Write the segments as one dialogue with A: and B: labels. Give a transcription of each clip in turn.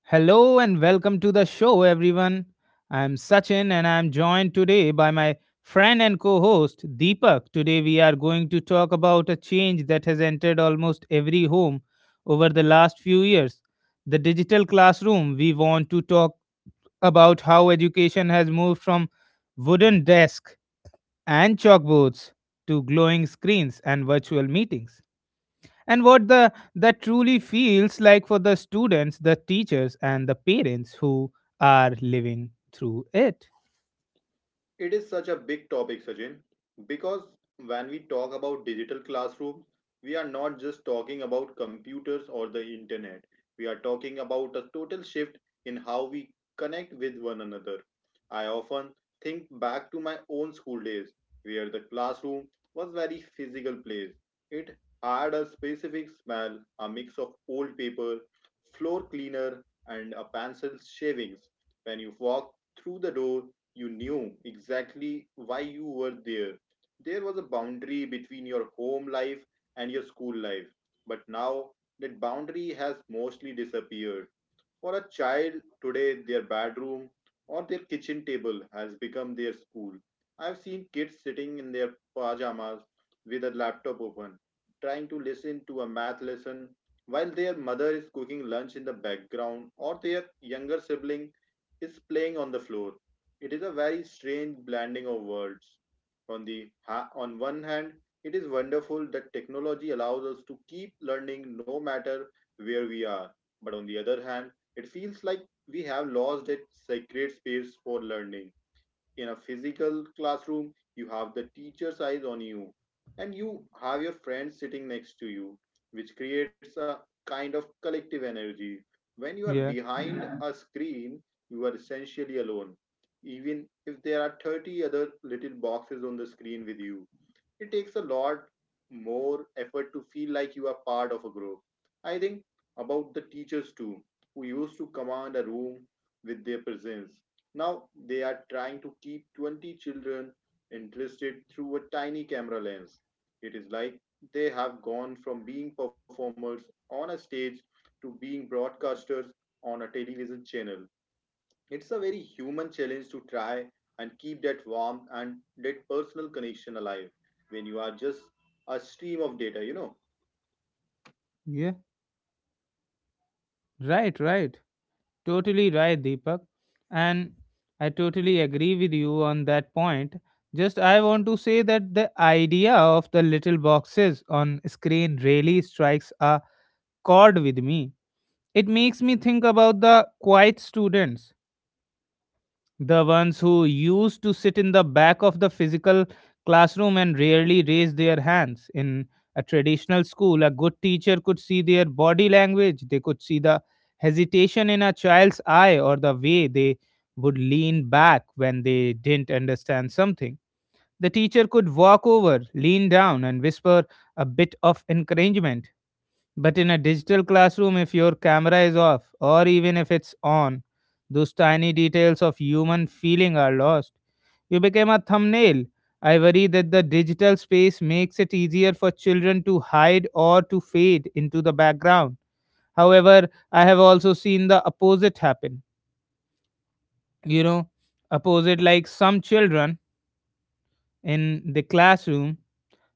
A: Hello and welcome to the show, everyone. I'm Sachin and I'm joined today by my friend and co host Deepak. Today, we are going to talk about a change that has entered almost every home over the last few years, the digital classroom. We want to talk about how education has moved from wooden desks and chalkboards to glowing screens and virtual meetings and what the that truly feels like for the students, the teachers, and the parents who are living through it.
B: It is such a big topic, Sachin, because when we talk about digital classrooms, we are not just talking about computers or the internet. We are talking about a total shift in how we connect with one another. I often think back to my own school days, where the classroom was very physical place. It had a specific smell, a mix of old paper, floor cleaner, and a pencil shavings. When you walked through the door, you knew exactly why you were there. There was a boundary between your home life and your school life, but now that boundary has mostly disappeared. For a child today, their bedroom or their kitchen table has become their school. I've seen kids sitting in their pajamas with a laptop open, trying to listen to a math lesson while their mother is cooking lunch in the background or their younger sibling is playing on the floor. It is a very strange blending of worlds. On one hand, it is wonderful that technology allows us to keep learning no matter where we are. But on the other hand, it feels like we have lost that sacred space for learning. In a physical classroom, you have the teacher's eyes on you, and you have your friends sitting next to you, which creates a kind of collective energy. When you are
A: Yeah,
B: behind a screen, you are essentially alone, even if there are 30 other little boxes on the screen with you it takes a lot more effort to feel like you are part of a group. I think about the teachers too, who used to command a room with their presence. Now they are trying to keep 20 children interested through a tiny camera lens. It is like they have gone from being performers on a stage to being broadcasters on a television channel. It's a very human challenge to try and keep that warmth and that personal connection alive when you are just a stream of data, you know.
A: yeah, right, right, totally right, Deepak. And I totally agree with you on that point. Just I want to say that the idea of the little boxes on screen really strikes a chord with me. It makes me think about the quiet students. The ones who used to sit in the back of the physical classroom and rarely raised their hands. In a traditional school, a good teacher could see their body language, they could see the hesitation in a child's eye or the way they would lean back when they didn't understand something. The teacher could walk over, lean down, and whisper a bit of encouragement. But in a digital classroom, if your camera is off or even if it's on, those tiny details of human feeling are lost. You became a thumbnail. I worry that the digital space makes it easier for children to hide or to fade into the background. However, I have also seen the opposite happen. You know, opposite, like some children in the classroom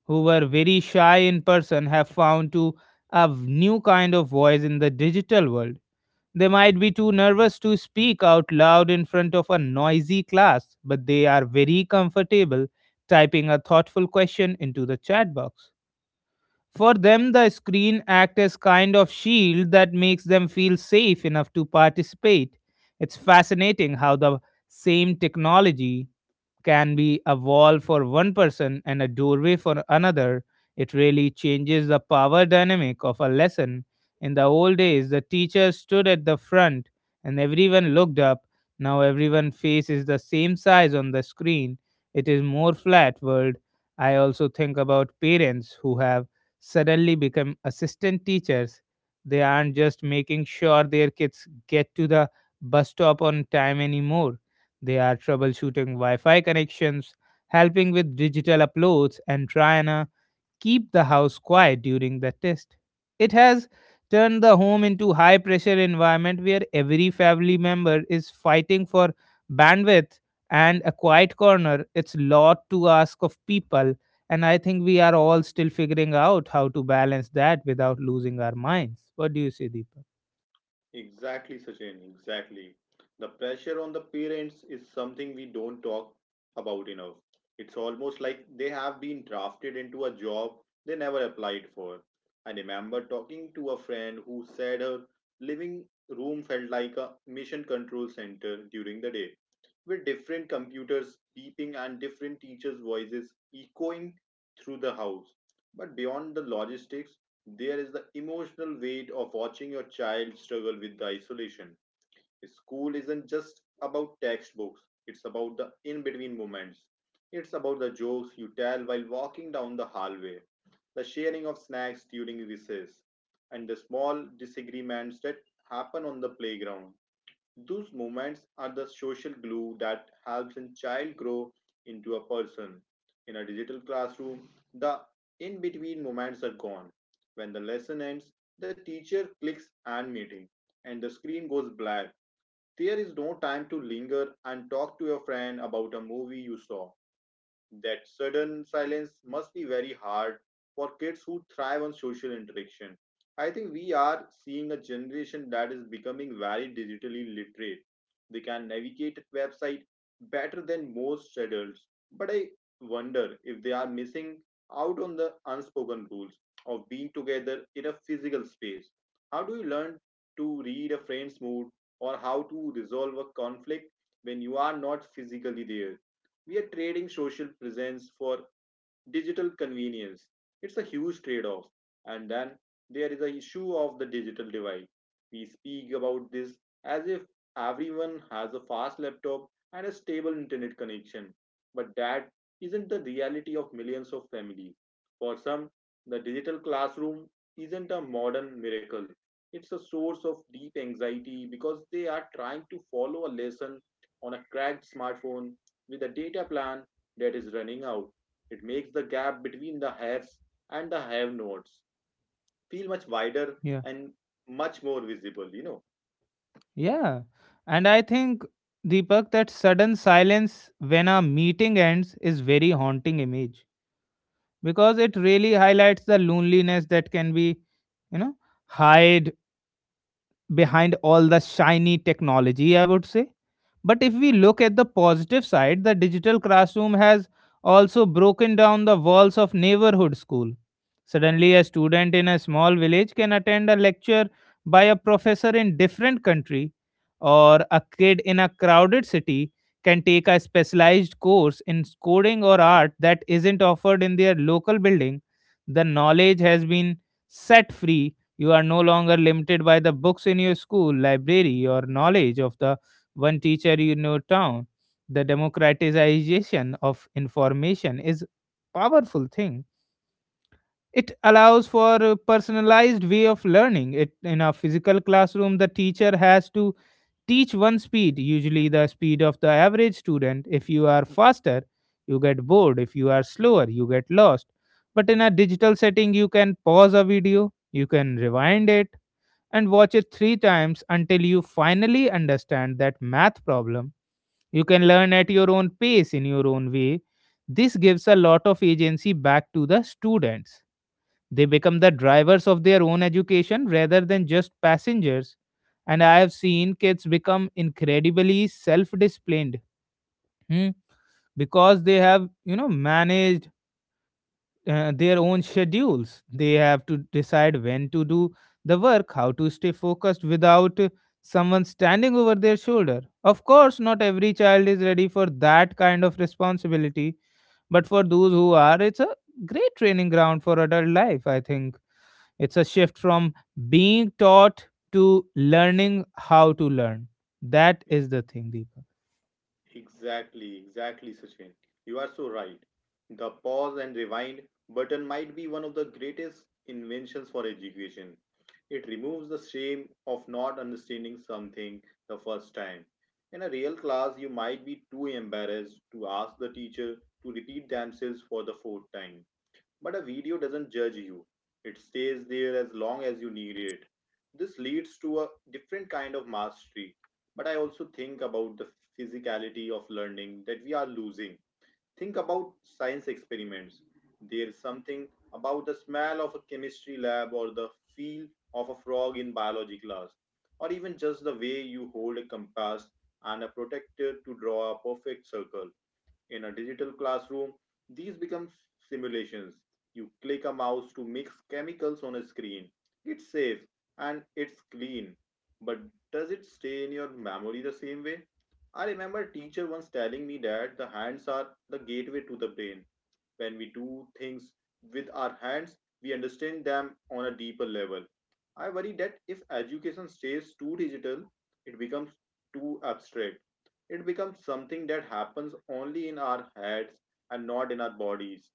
A: who were very shy in person have found to a new kind of voice in the digital world. They might be too nervous to speak out loud in front of a noisy class, but they are very comfortable typing a thoughtful question into the chat box. For them, the screen acts as kind of shield that makes them feel safe enough to participate. It's fascinating how the same technology can be a wall for one person and a doorway for another. It really changes the power dynamic of a lesson. In the old days, the teacher stood at the front and everyone looked up. Now everyone's face is the same size on the screen. It is more flat world. I also think about parents who have suddenly become assistant teachers. They aren't just making sure their kids get to the bus stop on time anymore. They are troubleshooting Wi Fi connections, helping with digital uploads, and trying to keep the house quiet during the test. It has turned the home into high pressure environment where every family member is fighting for bandwidth and a quiet corner. It's lot to ask of people, and I think we are all still figuring out how to balance that without losing our minds. What do you say, Deepak?
B: Exactly, Sachin, exactly. The pressure on the parents is something we don't talk about enough. It's almost like they have been drafted into a job they never applied for. I remember talking to a friend who said her living room felt like a mission control center during the day with different computers beeping and different teachers' voices echoing through the house. But beyond the logistics, there is the emotional weight of watching your child struggle with the isolation. School isn't just about textbooks, it's about the in between moments. It's about the jokes you tell while walking down the hallway, the sharing of snacks during recess, and the small disagreements that happen on the playground. Those moments are the social glue that helps a child grow into a person. In a digital classroom, the in between moments are gone. When the lesson ends, the teacher clicks end meeting and the screen goes black. There is no time to linger and talk to your friend about a movie you saw. That sudden silence must be very hard for kids who thrive on social interaction. I think we are seeing a generation that is becoming very digitally literate. They can navigate a website better than most adults, but I wonder if they are missing out on the unspoken rules of being together in a physical space. How do you learn to read a friend's mood or how to resolve a conflict when you are not physically there? We are trading social presence for digital convenience. It's a huge trade off. And then there is the issue of the digital divide. We speak about this as if everyone has a fast laptop and a stable internet connection. But that isn't the reality of millions of families. For some, the digital classroom isn't a modern miracle. It's a source of deep anxiety because they are trying to follow a lesson on a cracked smartphone with a data plan that is running out. It makes the gap between the haves and the have nots feel much wider
A: Yeah.
B: and much more visible, you know.
A: Yeah. And I think, Deepak, that sudden silence when a meeting ends is very haunting image, because it really highlights the loneliness that can be, you know, hide behind all the shiny technology, I would say. But if we look at the positive side, the digital classroom has also broken down the walls of neighborhood school. Suddenly, a student in a small village can attend a lecture by a professor in different country, or a kid in a crowded city can take a specialized course in coding or art that isn't offered in their local building. The knowledge has been set free. You are no longer limited by the books in your school library or knowledge of the one teacher in your town. The democratization of information is powerful thing. It allows for a personalized way of learning. It in a physical classroom, the teacher has to teach one speed, usually the speed of the average student. If you are faster, you get bored. If you are slower, you get lost. But in a digital setting, you can pause a video, you can rewind it, and watch it three times until you finally understand that math problem. You can learn at your own pace in your own way. This gives a lot of agency back to the students. They become the drivers of their own education rather than just passengers. And I have seen kids become incredibly self disciplined. Hmm because they have, you know, managed their own schedules. They have to decide when to do the work, how to stay focused without someone standing over their shoulder. Of course, not every child is ready for that kind of responsibility, but for those who are, it's a great training ground for adult life, I think. It's a shift from being taught to learning how to learn. That
B: E-
A: is the thing, Deepak.
B: Exactly, exactly, Sachin. You are so right. The pause and rewind button might be one of the greatest inventions for education. It removes the shame of not understanding something the first time. In a real class, you might be too embarrassed to ask the teacher to repeat themselves for the fourth time. But a video doesn't judge you, it stays there as long as you need it. This leads to a different kind of mastery. But I also think about the physicality of learning that we are losing. Think about science experiments. There's something about the smell of a chemistry lab or the feel of a frog in biology class, or even just the way you hold a compass and a protector to draw a perfect circle in a digital classroom, these become simulations. You click a mouse to mix chemicals on a screen. It's safe and it's clean. But does it stay in your memory the same way? I remember a teacher once telling me that the hands are the gateway to the brain. When we do things with our hands, we understand them on a deeper level. I worry that if education stays too digital, it becomes too abstract. It becomes something that happens only in our heads and not in our bodies.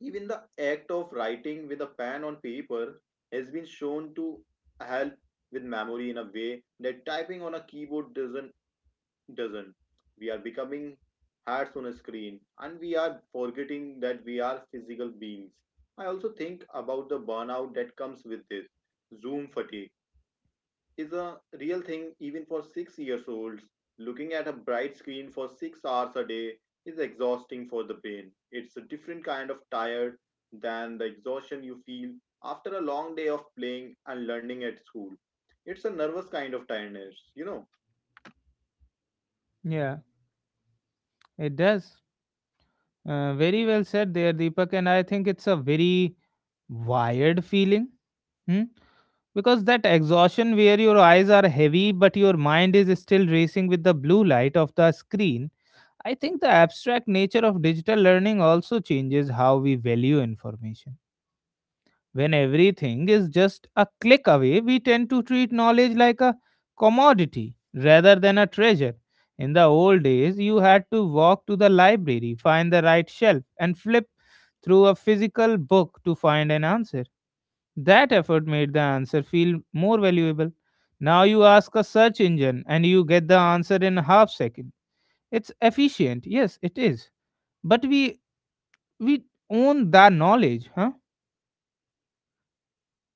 B: Even the act of writing with a pen on paper has been shown to help with memory in a way that typing on a keyboard doesn't. We are becoming heads on a screen and we are forgetting that we are physical beings. I also think about the burnout that comes with this Zoom fatigue is a real thing even for 6 years olds. Looking at a bright screen for 6 hours a day is exhausting for the brain. It's a different kind of tired than the exhaustion you feel after a long day of playing and learning at school. It's a nervous kind of tiredness, you know.
A: Yeah, it does. Very well said there, Deepak. And I think it's a very wired feeling, hmm? Because that exhaustion where your eyes are heavy but your mind is still racing with the blue light of the screen. I think the abstract nature of digital learning also changes how we value information. When everything is just a click away, we tend to treat knowledge like a commodity rather than a treasure. In the old days, you had to walk to the library, find the right shelf, and flip through a physical book to find an answer. That effort made the answer feel more valuable. Now you ask a search engine and you get the answer in a half second. It's efficient, yes, it is. But we own that knowledge, huh?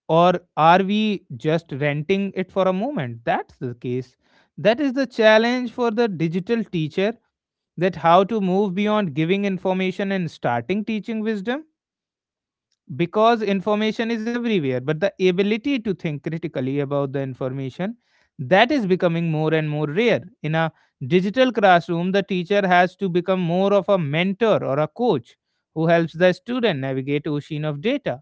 A: Or are we just renting it for a moment? That's the case. That is the challenge for the digital teacher, that how to move beyond giving information and starting teaching wisdom, because information is everywhere but the ability to think critically about the information, that is becoming more and more rare. In a digital classroom, the teacher has to become more of a mentor or a coach who helps the student navigate ocean of data.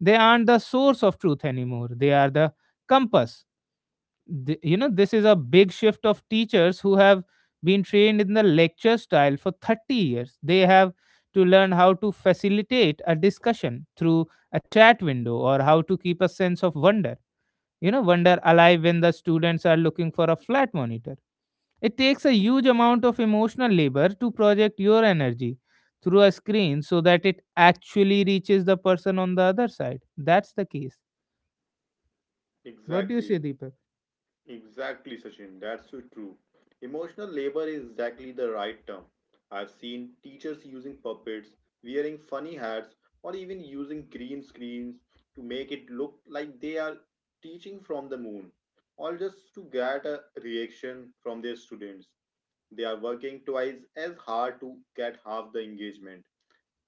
A: They aren't the source of truth anymore, they are the compass. You know, this is a big shift of teachers who have been trained in the lecture style for 30 years. They have to learn how to facilitate a discussion through a chat window, or how to keep a sense of wonder you know wonder alive when the students are looking for a flat monitor. It takes a huge amount of emotional labor to project your energy through a screen so that it actually reaches the person on the other side. That's the case. What do you say,
B: Exactly.
A: Deepak?
B: Exactly, Sachin. That's so true. Emotional labor is exactly the right term. I've seen teachers using puppets, wearing funny hats, or even using green screens to make it look like they are teaching from the moon, all just to get a reaction from their students. They are working twice as hard to get half the engagement.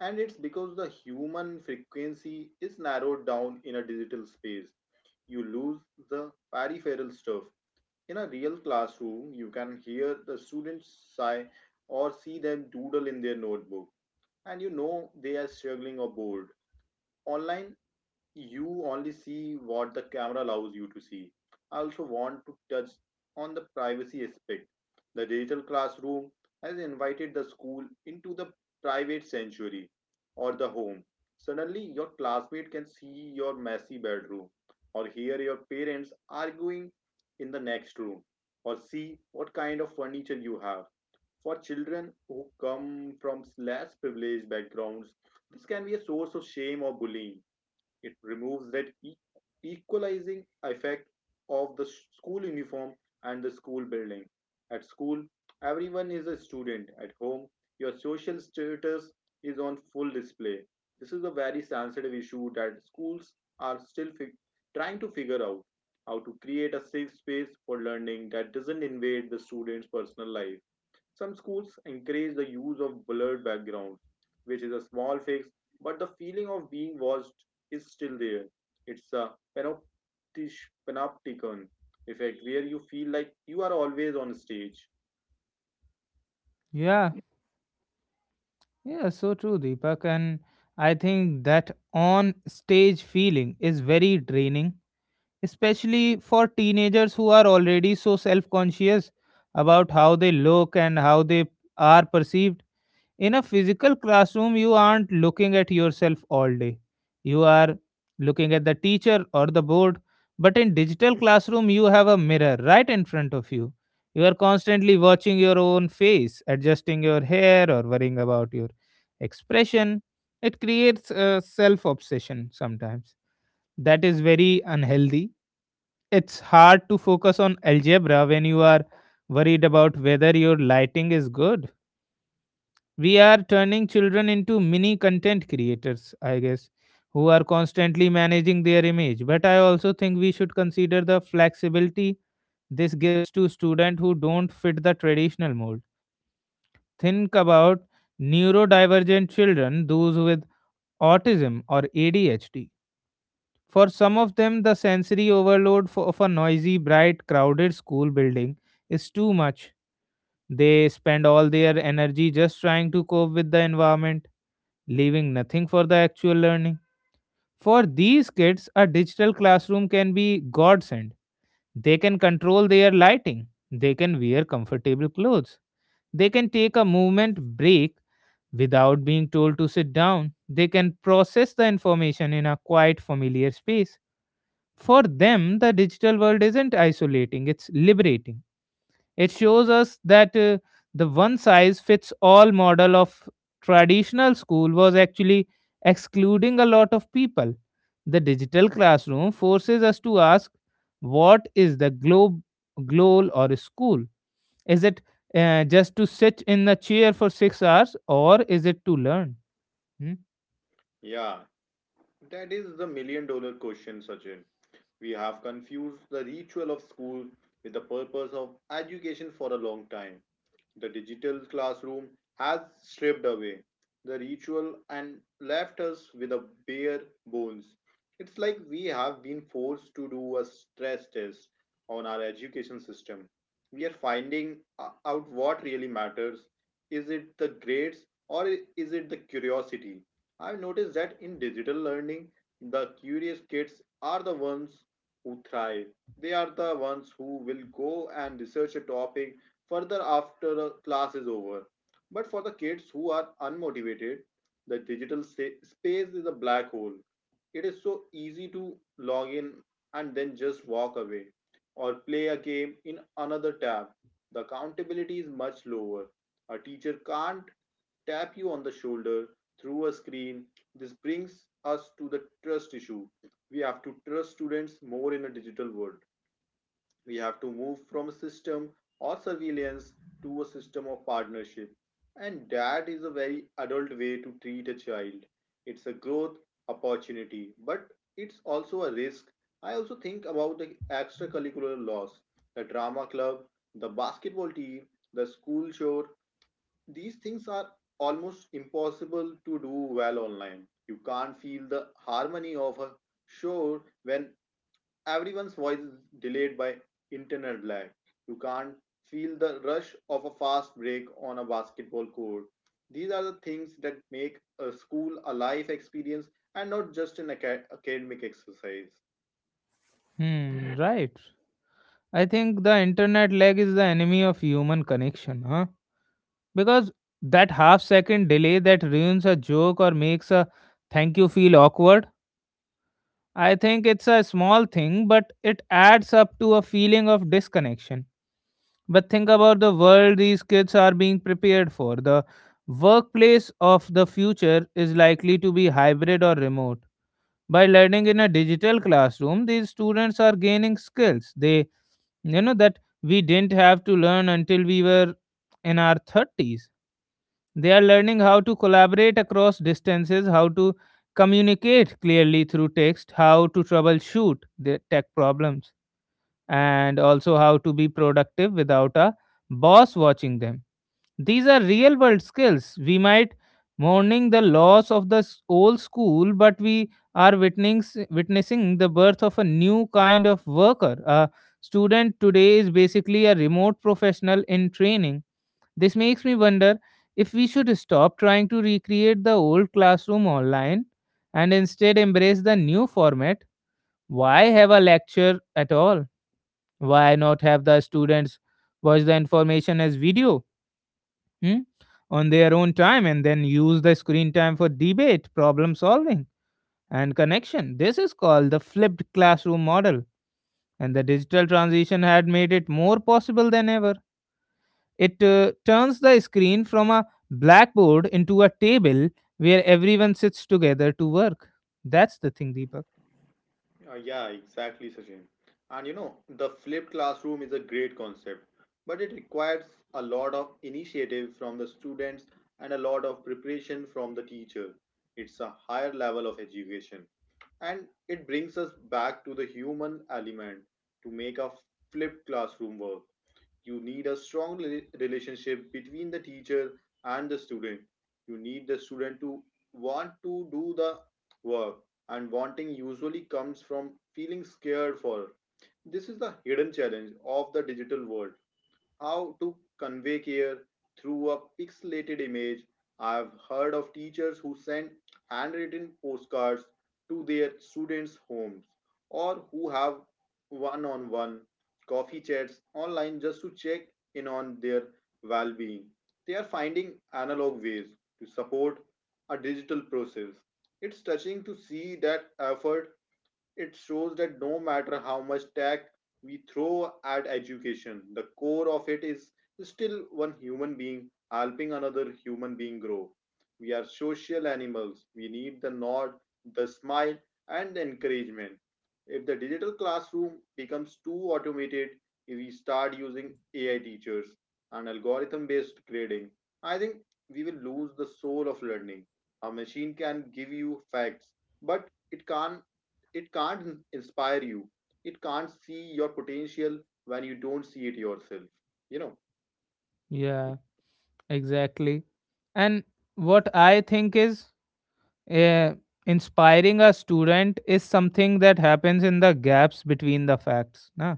B: And it's because the human frequency is narrowed down in a digital space you lose the peripheral stuff in a real classroom, you can hear the students sigh or see them doodle in their notebook, and you know they are struggling or bored. Online, you only see what the camera allows you to see. I also want to touch on the privacy aspect. The digital classroom has invited the school into the private sanctuary or the home. Suddenly, your classmate can see your messy bedroom or hear your parents arguing in the next room or see what kind of furniture you have. For children who come from less privileged backgrounds, this can be a source of shame or bullying it removes that equalizing effect of the school uniform and the school building. At school, everyone is a student. At home, your social status is on full display. This is a very sensitive issue that schools are still trying to figure out how to create a safe space for learning that doesn't invade the student's personal life. Some schools encourage the use of blurred backgrounds, which is a small fix, but the feeling of being watched is still there. It's a panoptish, panopticon effect where you feel like you are always on stage.
A: Yeah. Yeah, so true, Deepak. And I think that on stage feeling is very draining, especially for teenagers who are already so self conscious about how they look and how they are perceived. In a physical classroom, you aren't looking at yourself all day. You are looking at the teacher or the board, but in digital classroom you have a mirror right in front of you. You are constantly watching your own face, adjusting your hair, or worrying about your expression. It creates a self obsession sometimes that is very unhealthy. It's hard to focus on algebra when you are worried about whether your lighting is good. We are turning children into mini content creators, I guess, who are constantly managing their image. But I also think we should consider the flexibility this gives to students who don't fit the traditional mold. Think about neurodivergent children, those with autism or ADHD. For some of them, the sensory overload of a noisy, bright, crowded school building is too much. They spend all their energy just trying to cope with the environment, leaving nothing for the actual learning. For these kids, a digital classroom can be godsend. They can control their lighting, they can wear comfortable clothes, they can take a movement break without being told to sit down, they can process the information in a quiet, familiar space. For them, the digital world isn't isolating, it's liberating. It shows us that the one size fits all model of traditional school was actually excluding a lot of people. The digital classroom forces us to ask, what is the goal or school? Is it just to sit in a chair for 6 hours, or is it to learn? Hmm?
B: Yeah, that is the million dollar question, Sachin. We have confused the ritual of school with the purpose of education for a long time. The digital classroom has stripped away the ritual and left us with a bare bones. It's like we have been forced to do a stress test on our education system. We are finding out what really matters. Is it the grades or is it the curiosity? I've noticed that in digital learning, the curious kids are the ones who thrive. They are the ones who will go and research a topic further after the class is over. But for the kids who are unmotivated, the digital space is a black hole. It is so easy to log in and then just walk away or play a game in another tab. The accountability is much lower. A teacher can't tap you on the shoulder through a screen. This brings us to the trust issue. We have to trust students more in a digital world. We have to move from a system or surveillance to a system of partnership. And that is a very adult way to treat a child. It's a growth opportunity, but it's also a risk. I also think about the extracurricular laws, the drama club, the basketball team, the school chore. These things are almost impossible to do well online. You can't feel the harmony of a show when everyone's voice is delayed by internal lag. You can't feel the rush of a fast break on a basketball court. These are the things that make a school a life experience and not just an academic exercise.
A: Hmm, right. I think the internet lag is the enemy of human connection, huh? Because that half second delay that ruins a joke or makes a thank you feel awkward, I think it's a small thing but it adds up to a feeling of disconnection. But think about the world these kids are being prepared for. The workplace of the future is likely to be hybrid or remote. By learning in a digital classroom, these students are gaining skills they you know that we didn't have to learn until we were in our 30s. They are learning how to collaborate across distances, how to communicate clearly through text, how to troubleshoot the tech problems, and also how to be productive without a boss watching them. These are real world skills. We might mourning the loss of the old school, but we are witnessing, the birth of a new kind of worker. A student today is basically a remote professional in training. This makes me wonder if we should stop trying to recreate the old classroom online and instead embrace the new format. Why have a lecture at all? Why not have the students watch the information as video, hmm, on their own time, and then use the screen time for debate, problem solving, and connection? This is called the flipped classroom model, and the digital transition had made it more possible than ever. It turns the screen from a blackboard into a table where everyone sits together to work. That's the thing, Deepak.
B: Yeah, exactly, Sachin. And you know, the flipped classroom is a great concept, but it requires a lot of initiative from the students and a lot of preparation from the teacher. It's a higher level of education. And it brings us back to the human element to make a flipped classroom work. You need a strong relationship between the teacher and the student. You need the student to want to do the work, and wanting usually comes from feeling scared for. This is the hidden challenge of the digital world: how to convey care through a pixelated image. I've heard of teachers who send handwritten postcards to their students' homes, or who have one on one coffee chats online just to check in on their well being. They are finding analog ways to support a digital process. It's touching to see that effort. It shows that no matter how much tech we throw at education, the core of it is still one human being helping another human being grow. We are social animals. We need the nod, the smile, and the encouragement. If the digital classroom becomes too automated, if we start using AI teachers and algorithm based grading, I think we will lose the soul of learning. A machine can give you facts, but it can't inspire you, it can't see your potential when you don't see it yourself, you know.
A: Yeah, exactly. And what I think is uh, inspiring a student is something that happens in the gaps between the facts. Na?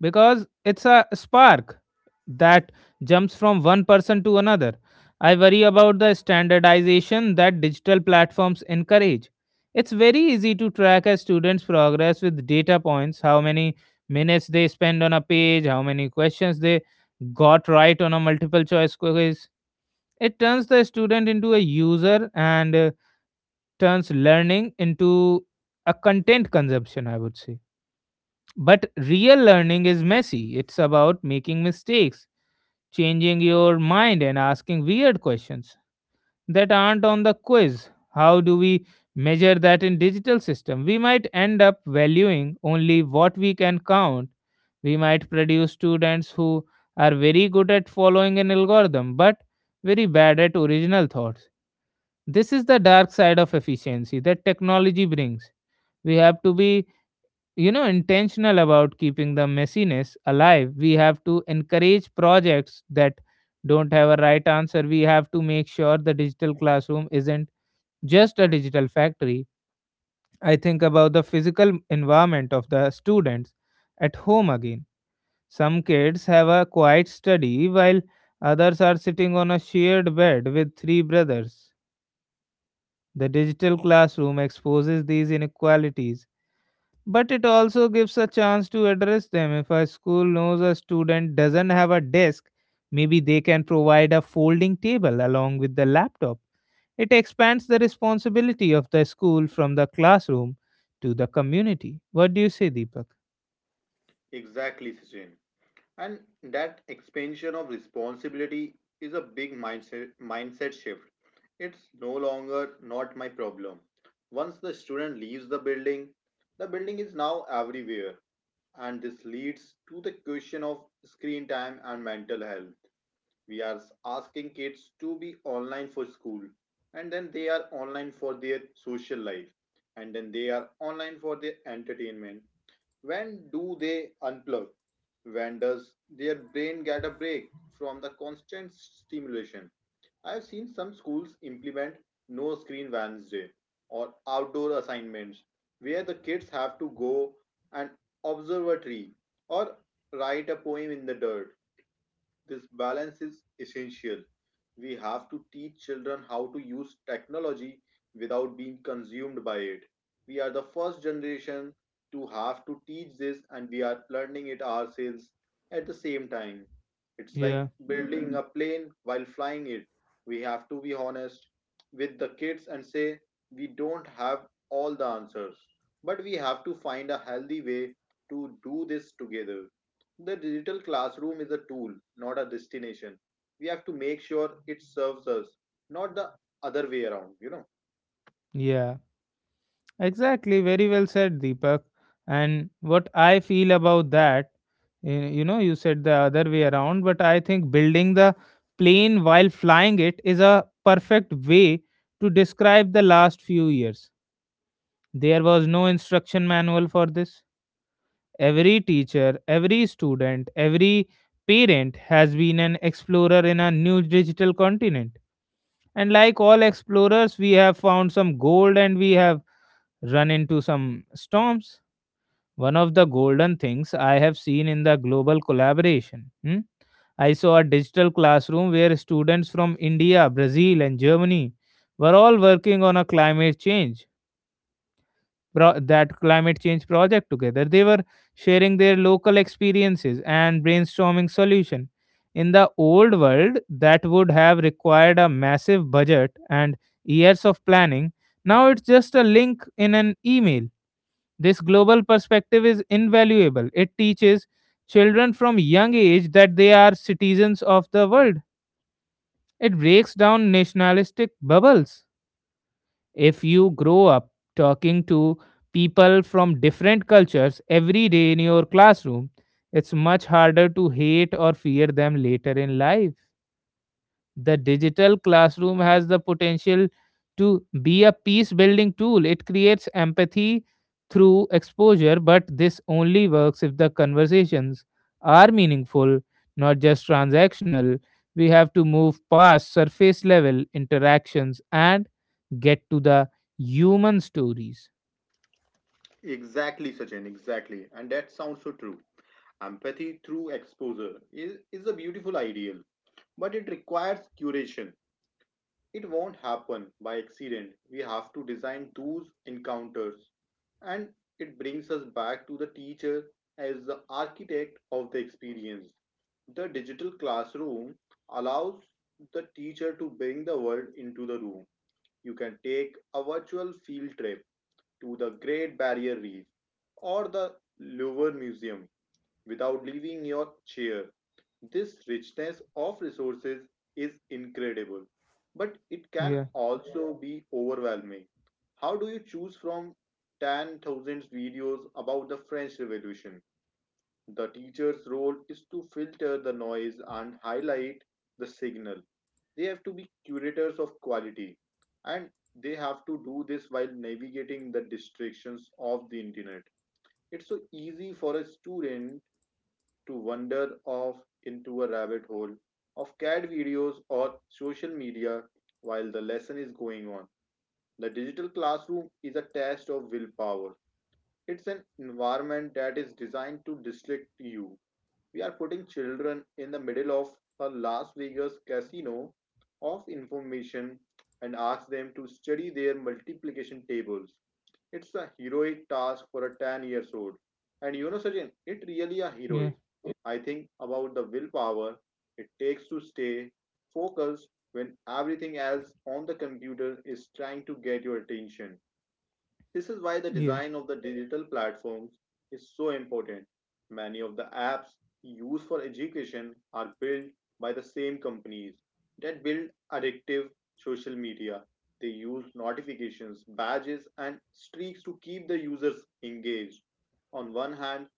A: Because it's a spark that jumps from one person to another. I worry about the standardization that digital platforms encourage. It's very easy to track a student's progress with data points: how many minutes they spend on a page, how many questions they got right on a multiple choice quiz. It turns the student into a user, and turns learning into a content consumption, I would say. But real learning is messy. It's about making mistakes, changing your mind, and asking weird questions that aren't on the quiz. How do we measure that in digital system? We might end up valuing only what we can count. We might produce students who are very good at following an algorithm but very bad at original thoughts. This is the dark side of efficiency that technology brings. We have to be intentional about keeping the messiness alive. We have to encourage projects that don't have a right answer. We have to make sure the digital classroom isn't just a digital factory. I think about the physical environment of the students at home again. Some kids have a quiet study, while others are sitting on a shared bed with three brothers. The digital classroom exposes these inequalities. But it also gives a chance to address them. If a school knows a student doesn't have a desk, maybe they can provide a folding table along with the laptop. It expands the responsibility of the school from the classroom to the community. What do you say, Deepak?
B: Exactly, Sachin. And that expansion of responsibility is a big mindset shift. It's no longer not my problem once the student leaves the building. The building is now everywhere. And this leads to the question of screen time and mental health. We are asking kids to be online for school, and then they are online for their social life, and then they are online for their entertainment. When do they unplug? When does their brain get a break from the constant stimulation? I have seen some schools implement no screen Wednesday or outdoor assignments where the kids have to go and observe a tree or write a poem in the dirt. This balance is essential. We have to teach children how to use technology without being consumed by it. We are the first generation to have to teach this, and we are learning it ourselves at the same time. It's like
A: Yeah,
B: building a plane while flying it. We have to be honest with the kids and say, we don't have all the answers, but we have to find a healthy way to do this together. The digital classroom is a tool, not a destination. We have to make sure it serves us, not the other way around, you know.
A: yeah. Exactly, very well said, Deepak. And what I feel about that, you know, you said the other way around, but I think building the plane while flying it is a perfect way to describe the last few years. There was no instruction manual for this. Every teacher, every student, every parent has been an explorer in a new digital continent. And like all explorers, we have found some gold and we have run into some storms. One of the golden things I have seen in the global collaboration. Hmm? I saw a digital classroom where students from India, Brazil, and Germany were all working on a climate change that climate change project together. They were sharing their local experiences and brainstorming solution. In the old world, that would have required a massive budget and years of planning. Now it's just a link in an email. This global perspective is invaluable. It teaches children from young age that they are citizens of the world. It breaks down nationalistic bubbles. If you grow up talking to people from different cultures every day in your classroom, it's much harder to hate or fear them later in life. The digital classroom has the potential to be a peace building tool. It creates empathy through exposure, but this only works if the conversations are meaningful, not just transactional. We have to move past surface level interactions and get to the human stories.
B: Exactly, Sachin, exactly. And that sounds so true. Empathy through exposure is a beautiful ideal, but it requires curation. It won't happen by accident. We have to design those encounters. And it brings us back to the teacher as the architect of the experience. The digital classroom allows the teacher to bring the world into the room. You can take a virtual field trip to the Great Barrier Reef or the Louvre Museum without leaving your chair. This richness of resources is incredible, but it can
A: Yeah,
B: also be overwhelming. How do you choose from 10,000 videos about the French Revolution? The teacher's role is to filter the noise and highlight the signal. They have to be curators of quality, and they have to do this while navigating the distractions of the internet. It's so easy for a student to wander off into a rabbit hole of cat videos or social media while the lesson is going on. The digital classroom is a test of willpower. It's an environment that is designed to distract you. We are putting children in the middle of a Las Vegas casino of information and ask them to study their multiplication tables. It's a heroic task for a 10 years old. And you know, Sachin, it really a
A: yeah,
B: heroic. I think about the willpower it takes to stay focused when everything else on the computer is trying to get your attention. This is why the
A: yeah,
B: design of the digital platforms is so important. Many of the apps used for education are built by the same companies that build addictive social media. They use notifications, badges, and streaks to keep the users engaged. On one hand,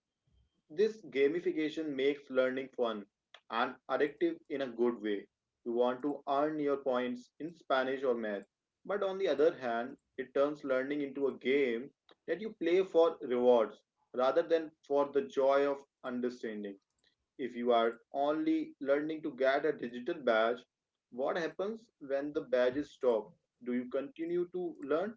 B: this gamification makes learning fun and addictive in a good way. You want to earn your points in Spanish or math. But on the other hand, it turns learning into a game that you play for rewards rather than for the joy of understanding. If you are only learning to get a digital badge, what happens when the badges stop? Do you continue to learn?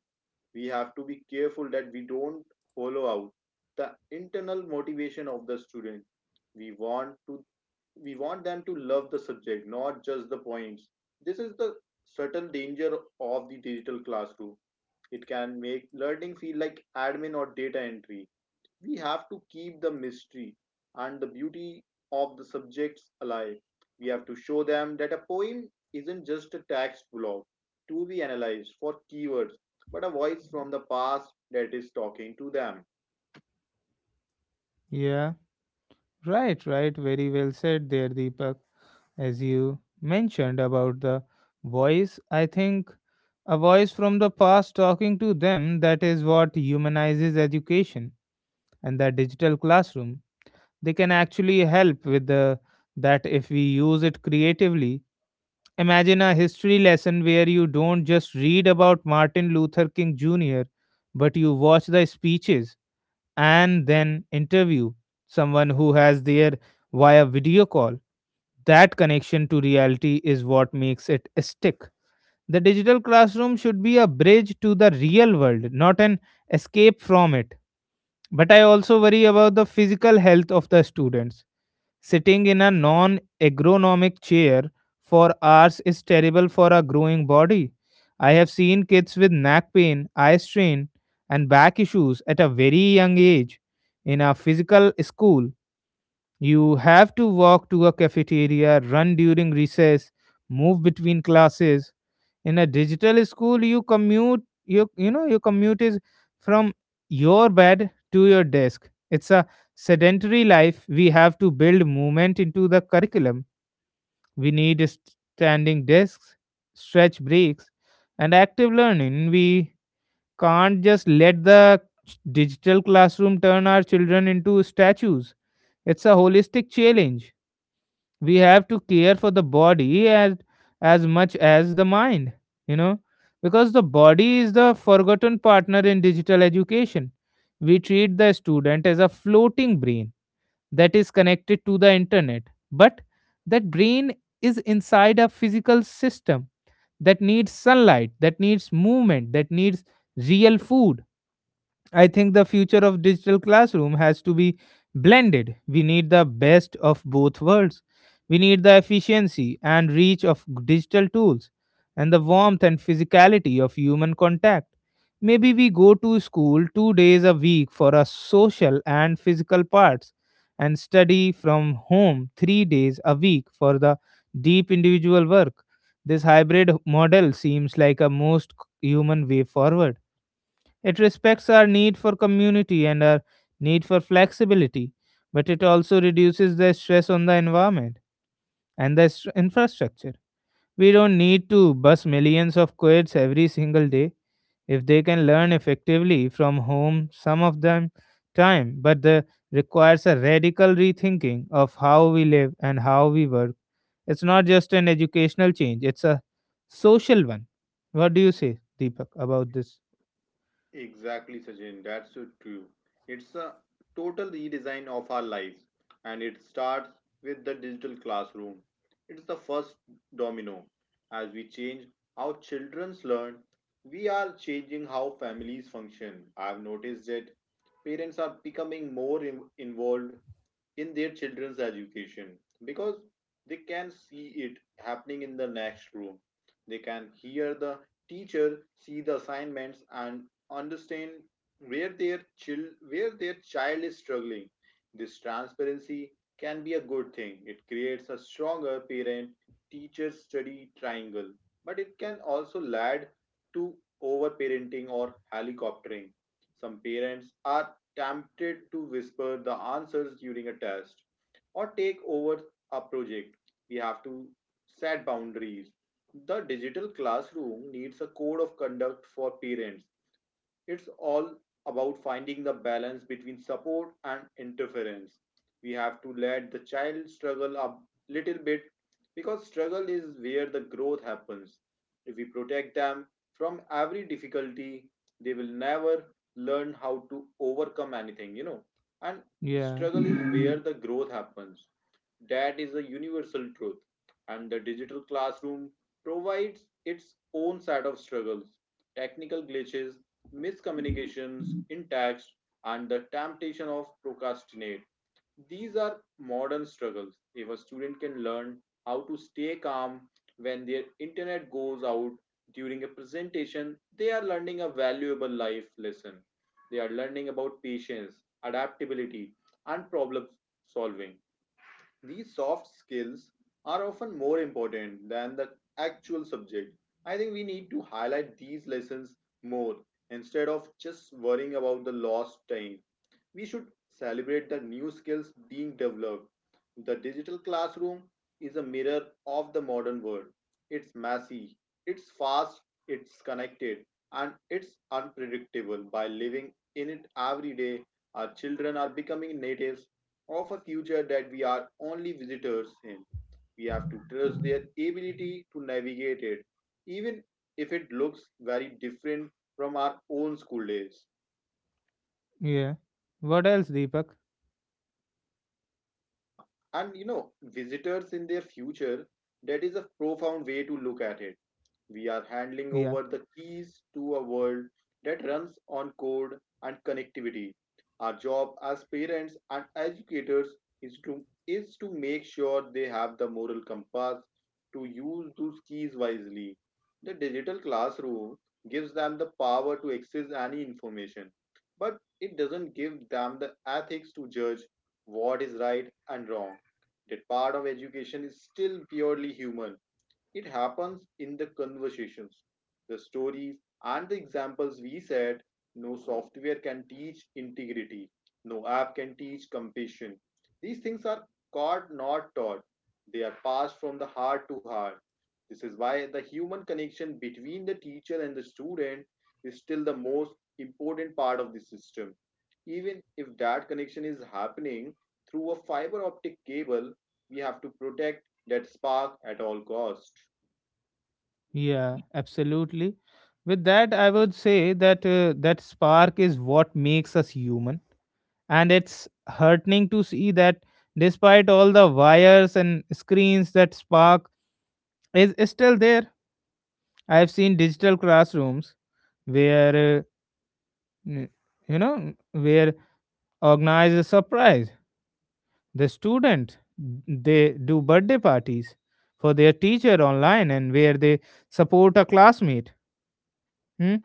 B: We have to be careful that we don't hollow out the internal motivation of the student. We want to we want them to love the subject, not just the points. This is the subtle danger of the digital classroom. It can make learning feel like admin or data entry. We have to keep the mystery and the beauty of the subjects alive. We have to show them that a poem isn't just a text block to be analyzed for keywords, but a voice from the past that is talking to them.
A: yeah. Right, right. Very well said there, Deepak. As you mentioned about the voice, I think a voice from the past talking to them that is what humanizes education and the digital classroom. They can actually help with the that if we use it creatively. Imagine a history lesson where you don't just read about Martin Luther King Jr., but you watch the speeches and then interview someone who has their via video call. That connection to reality is what makes it stick. The digital classroom should be a bridge to the real world, not an escape from it. But I also worry about the physical health of the students. Sitting in a non ergonomic chair for hours is terrible for a growing body. I have seen kids with neck pain, eye strain, and back issues at a very young age. In a physical school you have to walk to a cafeteria, run during recess, move between classes. In a digital school, you commute. You know, your commute is from your bed to your desk. It's a sedentary life. We have to build movement into the curriculum. We need standing desks, stretch breaks, and active learning. We can't just let the digital classroom turn our children into statues. It's a holistic challenge. We have to care for the body as much as the mind, you know because the body is the forgotten partner in digital education. We treat the student as a floating brain that is connected to the internet, but that brain is inside a physical system that needs sunlight, that needs movement, that needs real food. I think the future of digital classroom has to be blended. We need the best of both worlds. We need the efficiency and reach of digital tools and the warmth and physicality of human contact. Maybe we go to school 2 days a week for our social and physical parts and study from home 3 days a week for the deep individual work. This hybrid model seems like a most human way forward. It respects our need for community and our need for flexibility, but it also reduces the stress on the environment and the infrastructure. We don't need to bus millions of kids every single day if they can learn effectively from home some of them time. But the requires a radical rethinking of how we live and how we work. It's not just an educational change, it's a social one. What do you say, Deepak, about this?
B: Exactly, Sachin. That's so true. It's a total redesign of our lives, and it starts with the digital classroom. It's the first domino. As we change how children learn, we are changing how families function. I've noticed that parents are becoming more involved in their children's education because they can see it happening in the next room. They can hear the teacher, see the assignments, and understand where their child is struggling. This transparency can be a good thing. It creates a stronger parent teacher study triangle, but it can also lead to overparenting or helicoptering. Some parents are tempted to whisper the answers during a test or take over a project. We have to set boundaries. The digital classroom needs a code of conduct for parents. It's all about finding the balance between support and interference. We have to let the child struggle a little bit, because struggle is where the growth happens. If we protect them from every difficulty, they will never learn how to overcome anything, you know. And
A: Yeah.
B: struggle is where the growth happens. That is a universal truth, and the digital classroom provides its own set of struggles: technical glitches, miscommunications in text, and the temptation of procrastinate. These are modern struggles. If a student can learn how to stay calm when their internet goes out during a presentation, they are learning a valuable life lesson. They are learning about patience, adaptability, and problem solving. These soft skills are often more important than the actual subject. I think we need to highlight these lessons more instead of just worrying about the lost time. We should celebrate the new skills being developed. The digital classroom is a mirror of the modern world. It's messy, it's fast, it's connected, and it's unpredictable. By living in it every day, our children are becoming natives of a culture that we are only visitors in. We have to trust their ability to navigate it, even if it looks very different from our own school days.
A: Yeah. What else, Deepak?
B: Yeah, and you know, visitors in their future, that is a profound way to look at it. We are handing
A: Yeah.
B: over the keys to a world that runs on code and connectivity. Our job as parents and educators is to make sure they have the moral compass to use those keys wisely. The digital classroom gives them the power to access any information, but it doesn't give them the ethics to judge what is right and wrong. That part of education is still purely human. It happens in the conversations, the stories, and the examples we said. No software can teach integrity, no app can teach compassion. These things are caught, not taught. They are passed from the heart to heart. This is why the human connection between the teacher and the student is still the most important part of the system. Even if that connection is happening through a fiber optic cable, we have to protect that spark at all cost.
A: Yeah, absolutely. With that, I would say that that spark is what makes us human, and it's heartening to see that despite all the wires and screens, that spark is still there. I've seen digital classrooms where uh, n- where organized a surprise. The student, they do birthday parties for their teacher online, and where they support a classmate, hmm,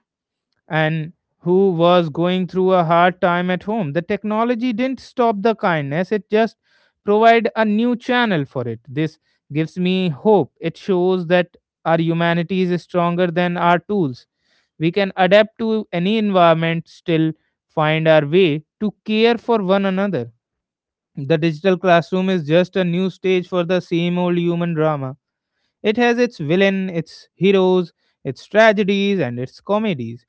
A: and who was going through a hard time at home. The technology didn't stop the kindness; it just provide a new channel for it. This gives me hope. It shows that our humanity is stronger than our tools. We can adapt to any environment, still find our way to care for one another. The digital classroom is just a new stage for the same old human drama. It has its villain, its heroes, its tragedies, and its comedies.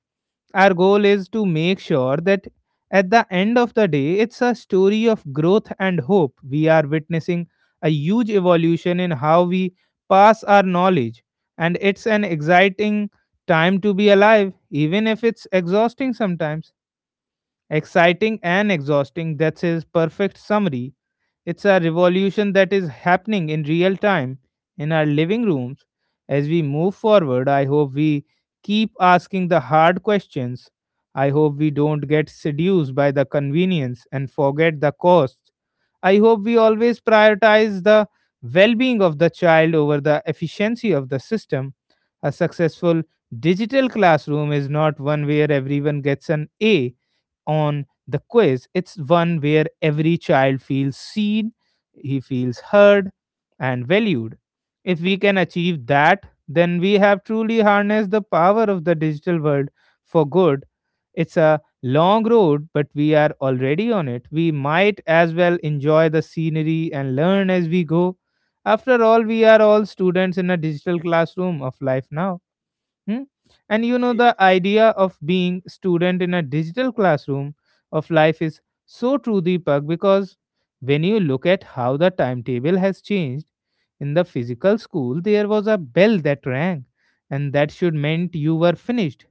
A: Our goal is to make sure that at the end of the day, it's a story of growth and hope. We are witnessing a huge evolution in how we pass our knowledge, and it's an exciting time to be alive, even if it's exhausting sometimes. Exciting and exhausting, that's his perfect summary. It's a revolution that is happening in real time in our living rooms. As we move forward, I hope we keep asking the hard questions. I hope we don't get seduced by the convenience and forget the cost. I hope we always prioritize the well being of the child over the efficiency of the system. A successful digital classroom is not one where everyone gets an A on the quiz, it's one where every child feels seen, he feels heard, and valued. If we can achieve that, then we have truly harnessed the power of the digital world for good. It's a long road, but we are already on it. We might as well enjoy the scenery and learn as we go. After all, we are all students in a digital classroom of life now. Hmm? And you know, the
B: Ex-
A: idea of being student in a digital classroom of life is so true, Deepak, because when you look at how the timetable has changed, in the physical school, there was a bell that rang, and that should meant you were finished.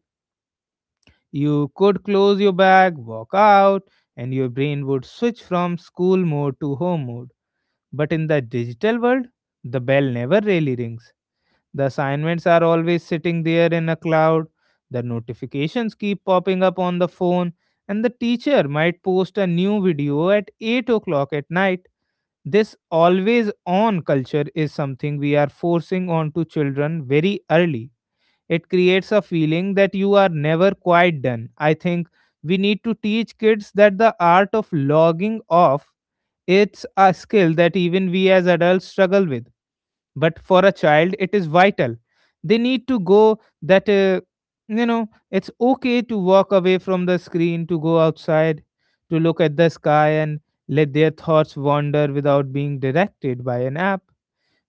A: You could close your bag, walk out, and your brain would switch from school mode to home mode. But in the digital world, the bell never really rings. The assignments are always sitting there in a cloud, the notifications keep popping up on the phone, and the teacher might post a new video at 8 o'clock at night. This always on culture is something we are forcing onto children very early. It creates a feeling that you are never quite done. I think we need to teach kids that the art of logging off, it's a skill that even we as adults struggle with, but for a child it is vital. They need to go that it's okay to walk away from the screen, to go outside, to look at the sky, and let their thoughts wander without being directed by an app.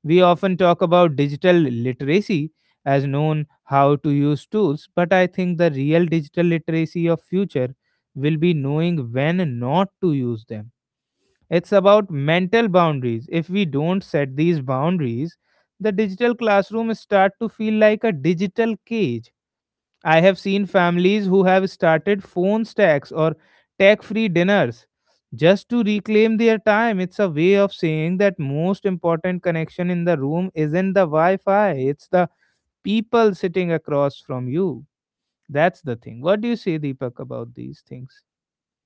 A: We often talk about digital literacy as known how to use tools, but I think the real digital literacy of future will be knowing when not to use them. It's about mental boundaries. If we don't set these boundaries, the digital classroom start to feel like a digital cage. I have seen families who have started phone stacks or tech-free dinners just to reclaim their time. It's a way of saying that most important connection in the room isn't the Wi-Fi, it's the people sitting across from you. That's the thing. What do you say, Deepak, about these things?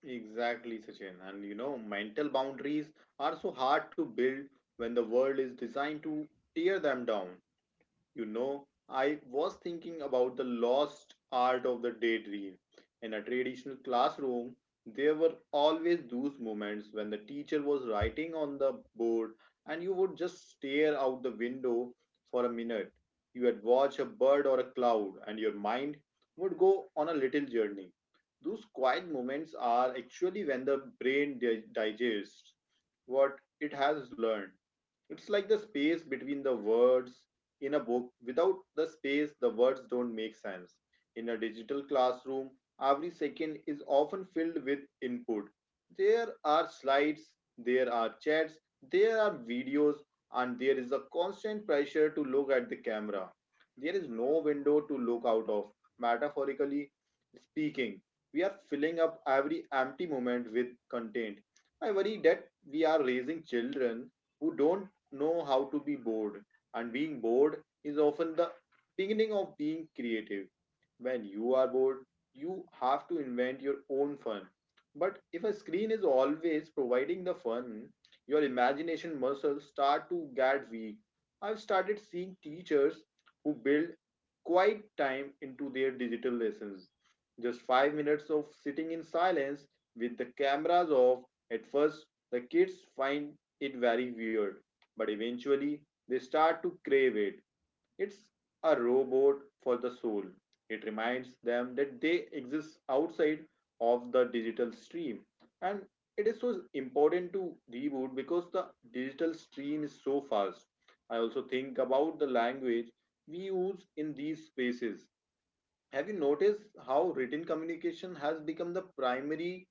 B: Exactly, Sachin. And you know, mental boundaries are so hard to build when the world is designed to tear them down. You know, I was thinking about the lost art of the daydream. In a traditional classroom, there were always those moments when the teacher was writing on the board and you would just stare out the window for a minute. You would watch a bird or a cloud and your mind would go on a little journey. Those quiet moments are actually when the brain digests what it has learned. It's like the space between the words in a book. Without the space, the words don't make sense. In a digital classroom, every second is often filled with input. There are slides, there are chats, there are videos, and there is a constant pressure to look at the camera. There is no window to look out of. Metaphorically speaking, we are filling up every empty moment with content. I worry that we are raising children who don't know how to be bored, and being bored is often the beginning of being creative. When you are bored, you have to invent your own fun. But if a screen is always providing the fun, your imagination muscles start to get weak. I've started seeing teachers who build quiet time into their digital lessons. Just 5 minutes of sitting in silence with the cameras off. At first, the kids find it very weird, but eventually they start to crave it. It's a robot for the soul. It reminds them that they exist outside of the digital stream. And it is so important to reboot because the digital stream is so fast. I also think about the language we use in these spaces. Have you noticed how written communication has become the primary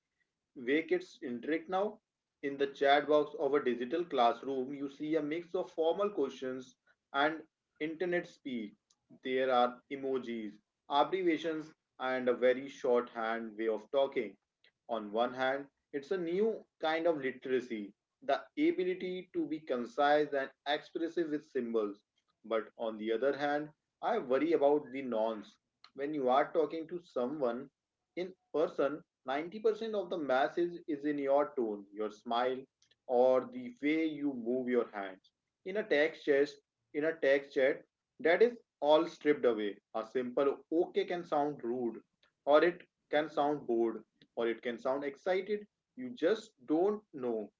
B: Waket's interact now? In the chat box of a digital classroom, you see a mix of formal questions and internet speak. There are emojis, abbreviations, and a very shorthand way of talking. On one hand, it's a new kind of literacy, the ability to be concise and expressive with symbols. But on the other hand, I worry about the nonce. When you are talking to someone in person, 90% of the message is in your tone, your smile, or the way you move your hands. In a text chat, in a text chat, that is all stripped away. A simple okay can sound rude, or it can sound bored, or it can sound excited. You just don't know.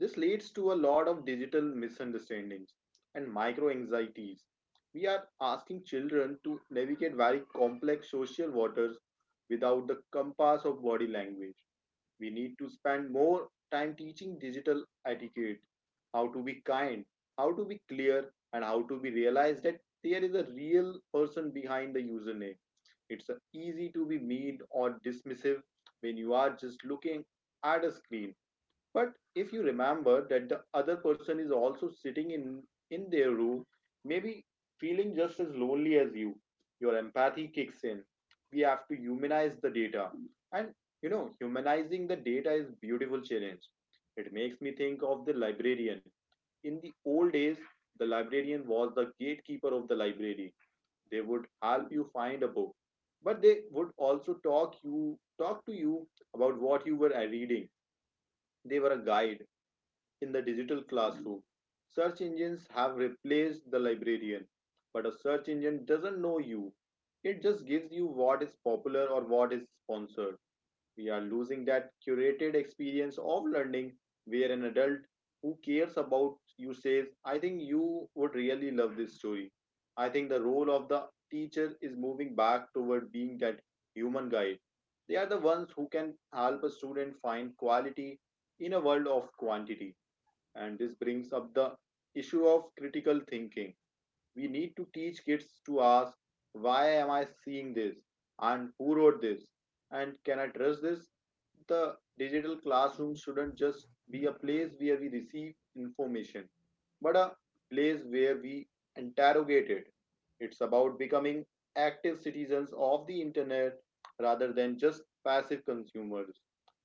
B: This leads to a lot of digital misunderstandings and micro anxieties. We are asking children to navigate very complex social waters without the compass of body language. We need to spend more time teaching digital etiquette, how to be kind, how to be clear, and how to be realized that there is a real person behind the username. It's easy to be mean or dismissive when you are just looking at a screen, but if you remember that the other person is also sitting in their room, maybe feeling just as lonely as you, your empathy kicks in. We have to humanize the data. And you know, humanizing the data is a beautiful challenge. It makes me think of the librarian. In the old days, the librarian was the gatekeeper of the library. They would help you find a book. But they would also talk to you about what you were reading. They were a guide in the digital classroom. Search engines have replaced the librarian, but a search engine doesn't know you. It just gives you what is popular or what is sponsored. We are losing that curated experience of learning where an adult who cares about you says, I think you would really love this story. I think the role of the teacher is moving back toward being that human guide. They are the ones who can help a student find quality in a world of quantity. And this brings up the issue of critical thinking. We need to teach kids to ask, why am I seeing this? And who wrote this? And can I trust this? The digital classroom shouldn't just be a place where we receive information, but a place where we interrogate it. It's about becoming active citizens of the internet rather than just passive consumers.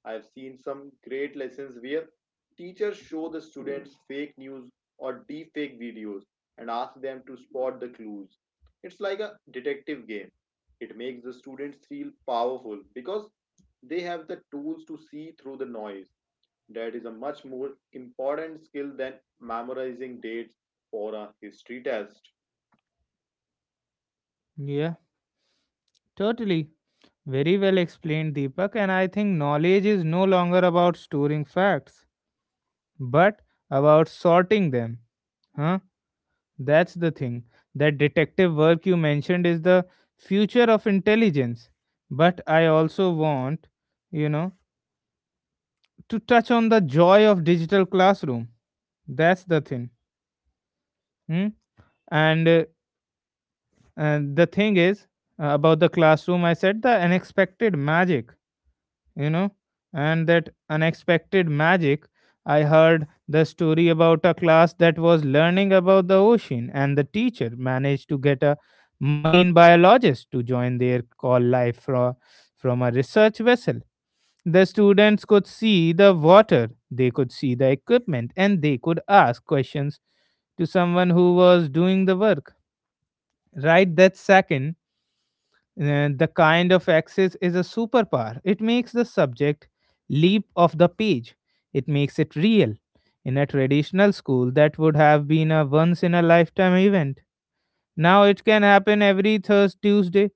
B: I've seen some great lessons where teachers show the students fake news or deep fake videos and ask them to spot the clues. It's like a detective game. It makes the students feel powerful because they have the tools to see through the noise. That is a much more important skill than memorizing dates for a history test.
A: Yeah, totally. Very well explained, Deepak, and I think knowledge is no longer about storing facts, but about sorting them. Huh? That's the thing. That detective work you mentioned is the future of intelligence. But I also want, you know, to touch on the joy of digital classroom. That's the thing. Hmm? And, uh, and the thing is, about the classroom, I said the unexpected magic, you know, and that unexpected magic. I heard the story about a class that was learning about the ocean, and the teacher managed to get a marine biologist to join their call live from a research vessel. The students could see the water, they could see the equipment, and they could ask questions to someone who was doing the work. Right that second, the kind of access is a superpower. It makes the subject leap off the page. It makes it real. In a traditional school, that would have been a once in a lifetime event. Now it can happen every Thursday, Tuesday,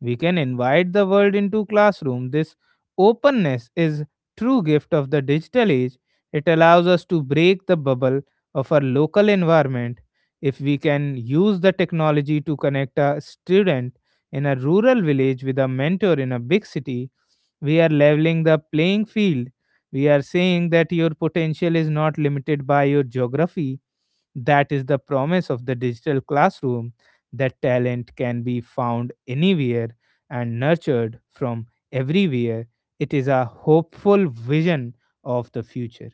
A: we can invite the world into classroom. This openness is true gift of the digital age. It allows us to break the bubble of our local environment. If we can use the technology to connect a student in a rural village with a mentor in a big city, we are leveling the playing field. We are saying that your potential is not limited by your geography. That is the promise of the digital classroom, that talent can be found anywhere and nurtured from everywhere. It is a hopeful vision of the future.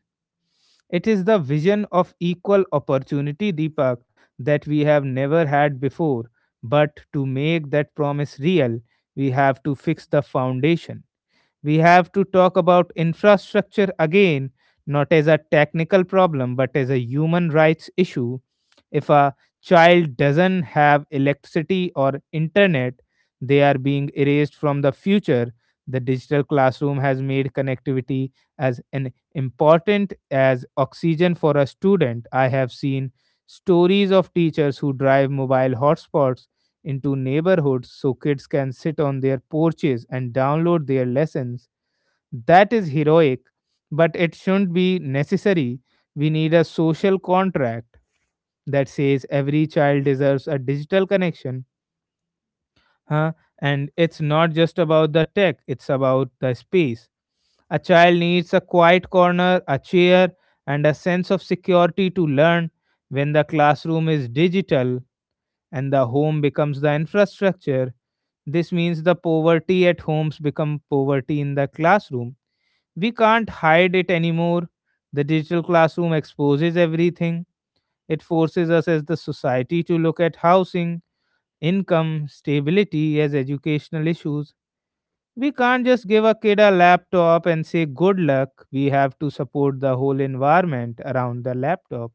A: It is the vision of equal opportunity, Deepak, that we have never had before. But to make that promise real, we have to fix the foundation. We have to talk about infrastructure again, not as a technical problem, but as a human rights issue. If a child doesn't have electricity or internet, they are being erased from the future. The digital classroom has made connectivity as an important as oxygen for a student. I have seen stories of teachers who drive mobile hotspots into neighborhoods so kids can sit on their porches and download their lessons. That is heroic, but it shouldn't be necessary. We need a social contract that says every child deserves a digital connection. Huh? And it's not just about the tech, it's about the space. A child needs a quiet corner, a chair, and a sense of security to learn when the classroom is digital and the home becomes the infrastructure. This means the poverty at homes become poverty in the classroom. We can't hide it anymore. The digital classroom exposes everything. It forces us as the society to look at housing, income, stability as educational issues. We can't just give a kid a laptop and say good luck. We have to support the whole environment around the laptop.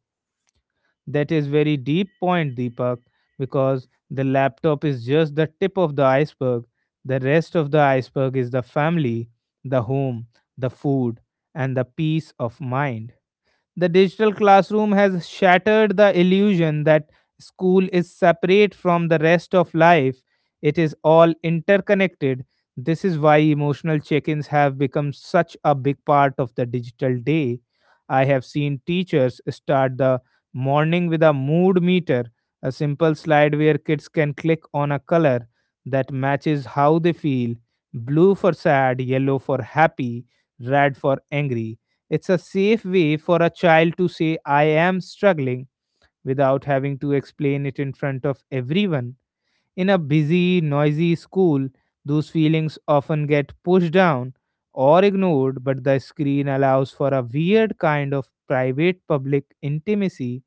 A: That is very deep point, Deepak, because the laptop is just the tip of the iceberg. The rest of the iceberg is the family, the home, the food, and the peace of mind. The digital classroom has shattered the illusion that school is separate from the rest of life. It is all interconnected. This is why emotional check ins have become such a big part of the digital day. I have seen teachers start the morning with a mood meter, a simple slide where kids can click on a color that matches how they feel: blue for sad, yellow for happy, red for angry. It's a safe way for a child to say, I am struggling, without having to explain it in front of everyone. In a busy, noisy school, those feelings often get pushed down or ignored, but the screen allows for a weird kind of private public intimacy.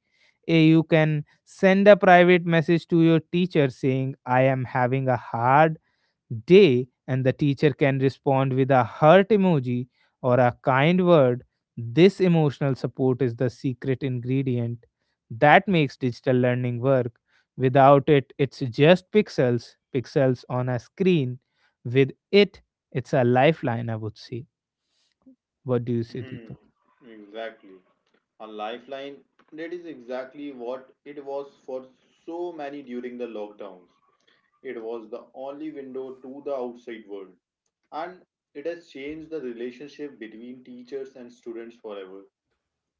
A: Eh, you can send a private message to your teacher saying, I am having a hard day, and the teacher can respond with a heart emoji or a kind word. This emotional support is the secret ingredient that makes digital learning work. Without it, it's just pixels, pixels on a screen. With it, it's a lifeline, I would say. What do you say,
B: Hmm,
A: Deepak?
B: exactly. A lifeline, that is exactly what it was for so many during the lockdowns. It was the only window to the outside world, and it has changed the relationship between teachers and students forever.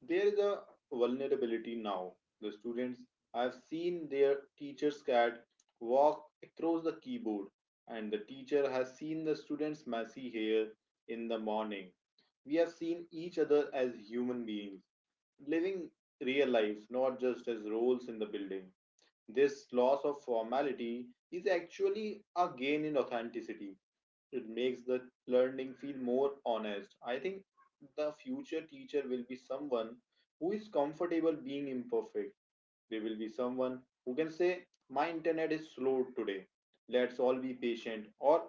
B: There is a vulnerability now. The students have seen their teacher's cat walk across the keyboard, and the teacher has seen the student's messy hair in the morning. We have seen each other as human beings, living real lives, not just as roles in the building. This loss of formality is actually a gain in authenticity. It makes the learning feel more honest. I think the future teacher will be someone who is comfortable being imperfect. They will be someone who can say, my internet is slow today. Let's all be patient. Or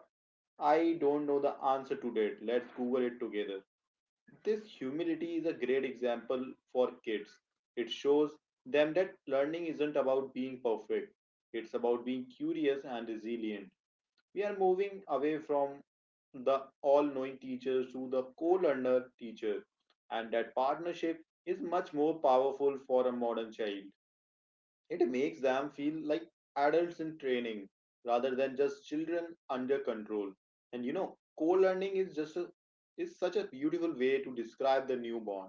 B: I don't know the answer to that. Let's Google it together. This humility is a great example for kids. It shows them that learning isn't about being perfect, it's about being curious and resilient. We are moving away from the all knowing teacher to the co learner teacher, and that partnership is much more powerful for a modern child. It makes them feel like adults in training rather than just children under control. And you know, co-learning is just is such a beautiful way to describe the newborn.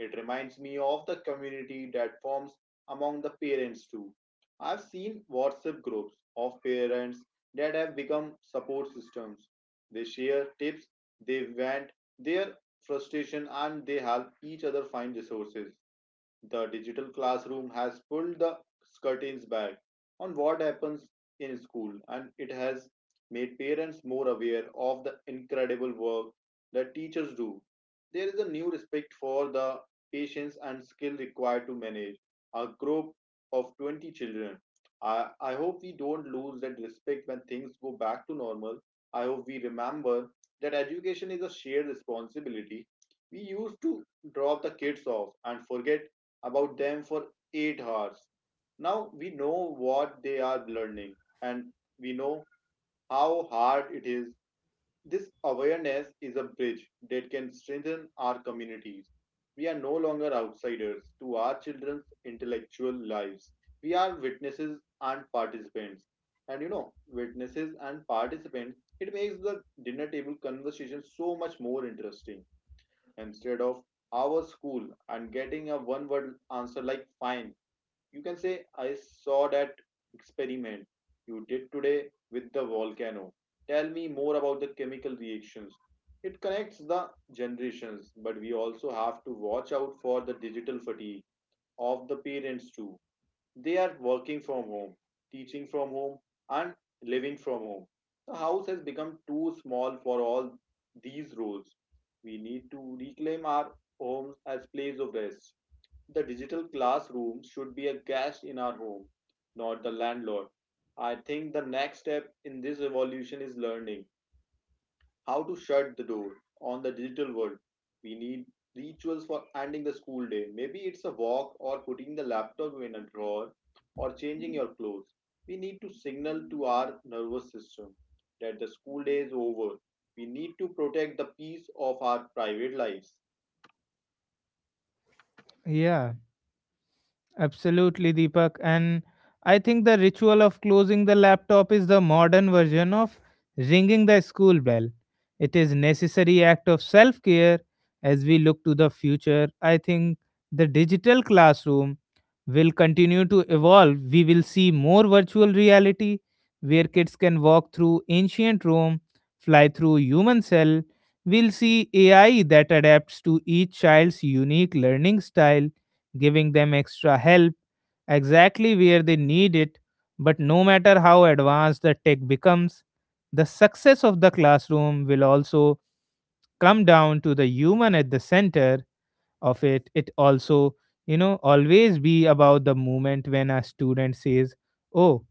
B: It reminds me of the community that forms among the parents too. I've seen WhatsApp groups of parents that have become support systems. They share tips, they vent their frustration, and they help each other find resources. The digital classroom has pulled the curtains back on what happens in school, and it has made parents more aware of the incredible work that teachers do. There is a new respect for the patience and skill required to manage a group of 20 children. I hope we don't lose that respect when things go back to normal. I hope we remember that education is a shared responsibility. We used to drop the kids off and forget about them for 8 hours. Now we know what they are learning, and we know how hard it is. This awareness is a bridge that can strengthen our communities. We are no longer outsiders to our children's intellectual lives. We are witnesses and participants. And you know, witnesses and participants, it makes the dinner table conversation so much more interesting. Instead of our school and getting a one word answer like fine, you can say, I saw that experiment you did today with the volcano. Tell me more about the chemical reactions. It connects the generations, but we also have to watch out for the digital fatigue of the parents too. They are working from home, teaching from home, and living from home. The house has become too small for all these roles. We need to reclaim our homes as place of rest. The digital classroom should be a guest in our home, not the landlord. I think the next step in this evolution is learning how to shut the door on the digital world. We need rituals for ending the school day. Maybe it's a walk, or putting the laptop in a drawer, or changing your clothes. We need to signal to our nervous system that the school day is over. We need to protect the peace of our private lives.
A: Yeah. Absolutely, Deepak. And I think the ritual of closing the laptop is the modern version of ringing the school bell. It is necessary act of self-care. As we look to the future, I think the digital classroom will continue to evolve. We will see more virtual reality where kids can walk through ancient Rome, fly through human cell. We'll see AI that adapts to each child's unique learning style, giving them extra help exactly where they need it. But no matter how advanced the tech becomes, the success of the classroom will also come down to the human at the center of it. It also, always be about the moment when a student says, Oh,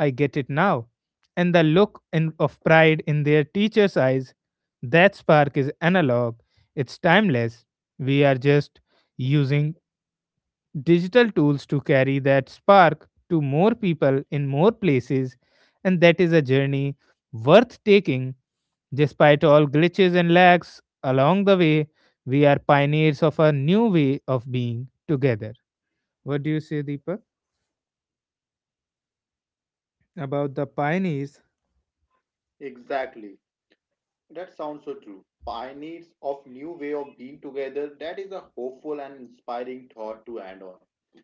A: I get it now. And the look in, of pride in their teacher's eyes, that spark is analog, it's timeless. We are just using digital tools to carry that spark to more people in more places, and that is a journey worth taking despite all glitches and lags along the way. We are pioneers of a new way of being together. What do you say, Deepak, about the pioneers?
B: Exactly. That sounds so true. Pioneers of new way of being together. That is a hopeful and inspiring thought to end on.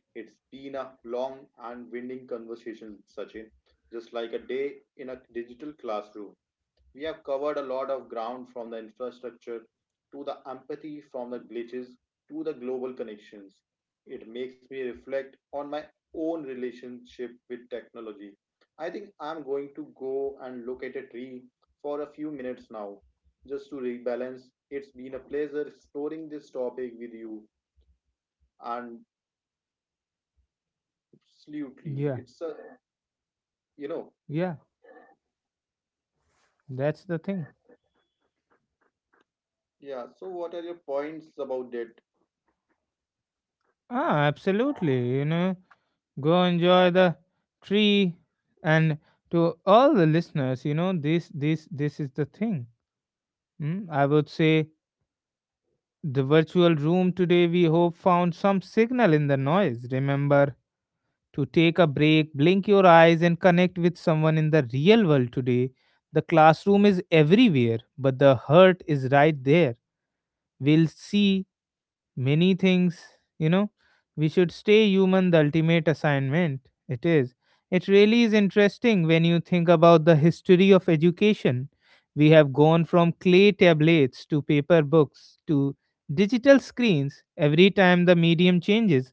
B: It's been a long and winding conversation, Sachin, just like a day in a digital classroom. We have covered a lot of ground from the infrastructure to the empathy, from the glitches to the global connections. It makes me reflect on my own relationship with technology. I think I'm going to go and look at a tree for a few minutes now, just to rebalance. It's been a pleasure exploring this topic with you, and absolutely,
A: Yeah,
B: it's a you know,
A: yeah, that's the thing.
B: yeah. So, what are your points about that?
A: Ah, absolutely. You know, go enjoy the tree, and to all the listeners, this is the thing. Mm, I would say the virtual room today, we hope, found some signal in the noise. Remember to take a break, blink your eyes, and connect with someone in the real world today. The classroom is everywhere, but the hurt is right there. We'll see many things, you know we should stay human, the ultimate assignment. It is, it really is interesting when you think about the history of education. We have gone from clay tablets to paper books to digital screens. Every time the medium changes,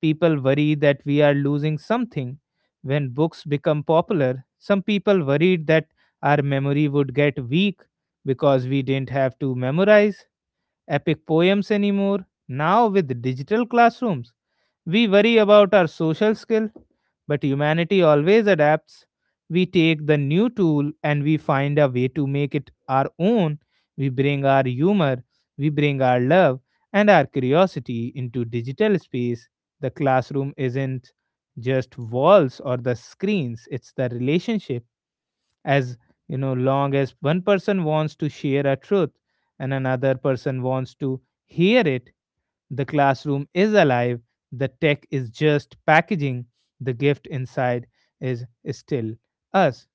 A: people worry that we are losing something. When books become popular, some people worried that our memory would get weak because we didn't have to memorize epic poems anymore. Now, with digital classrooms, we worry about our social skill, but humanity always adapts. We take the new tool and we find a way to make it our own. We bring our humor, we bring our love, and our curiosity into digital space. The classroom isn't just walls or the screens, it's the relationship. As long as one person wants to share a truth and another person wants to hear it, the classroom is alive. The tech is just packaging, the gift inside is still us.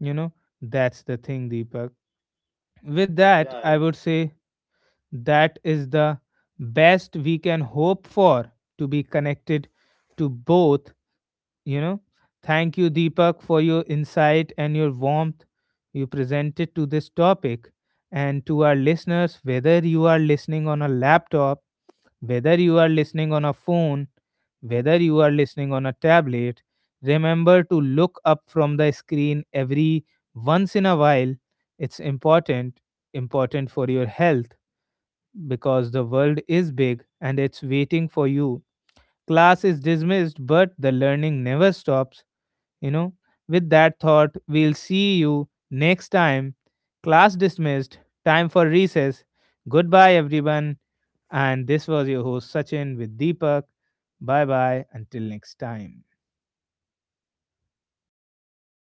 A: you know that's the thing, Deepak. With that,
B: Yeah,
A: I would say that is the best we can hope for, to be connected to both. you know thank you, Deepak, for your insight and your warmth you presented to this topic. And to our listeners, whether you are listening on a laptop, whether you are listening on a phone, whether you are listening on a tablet, remember to look up from the screen every once in a while. It's important, important for your health, because the world is big and it's waiting for you. Class is dismissed, but the learning never stops. you know, with that thought, we'll see you next time. Class dismissed, time for recess. Goodbye, everyone. And this was your host, Sachin, with Deepak. Bye bye. Until next time.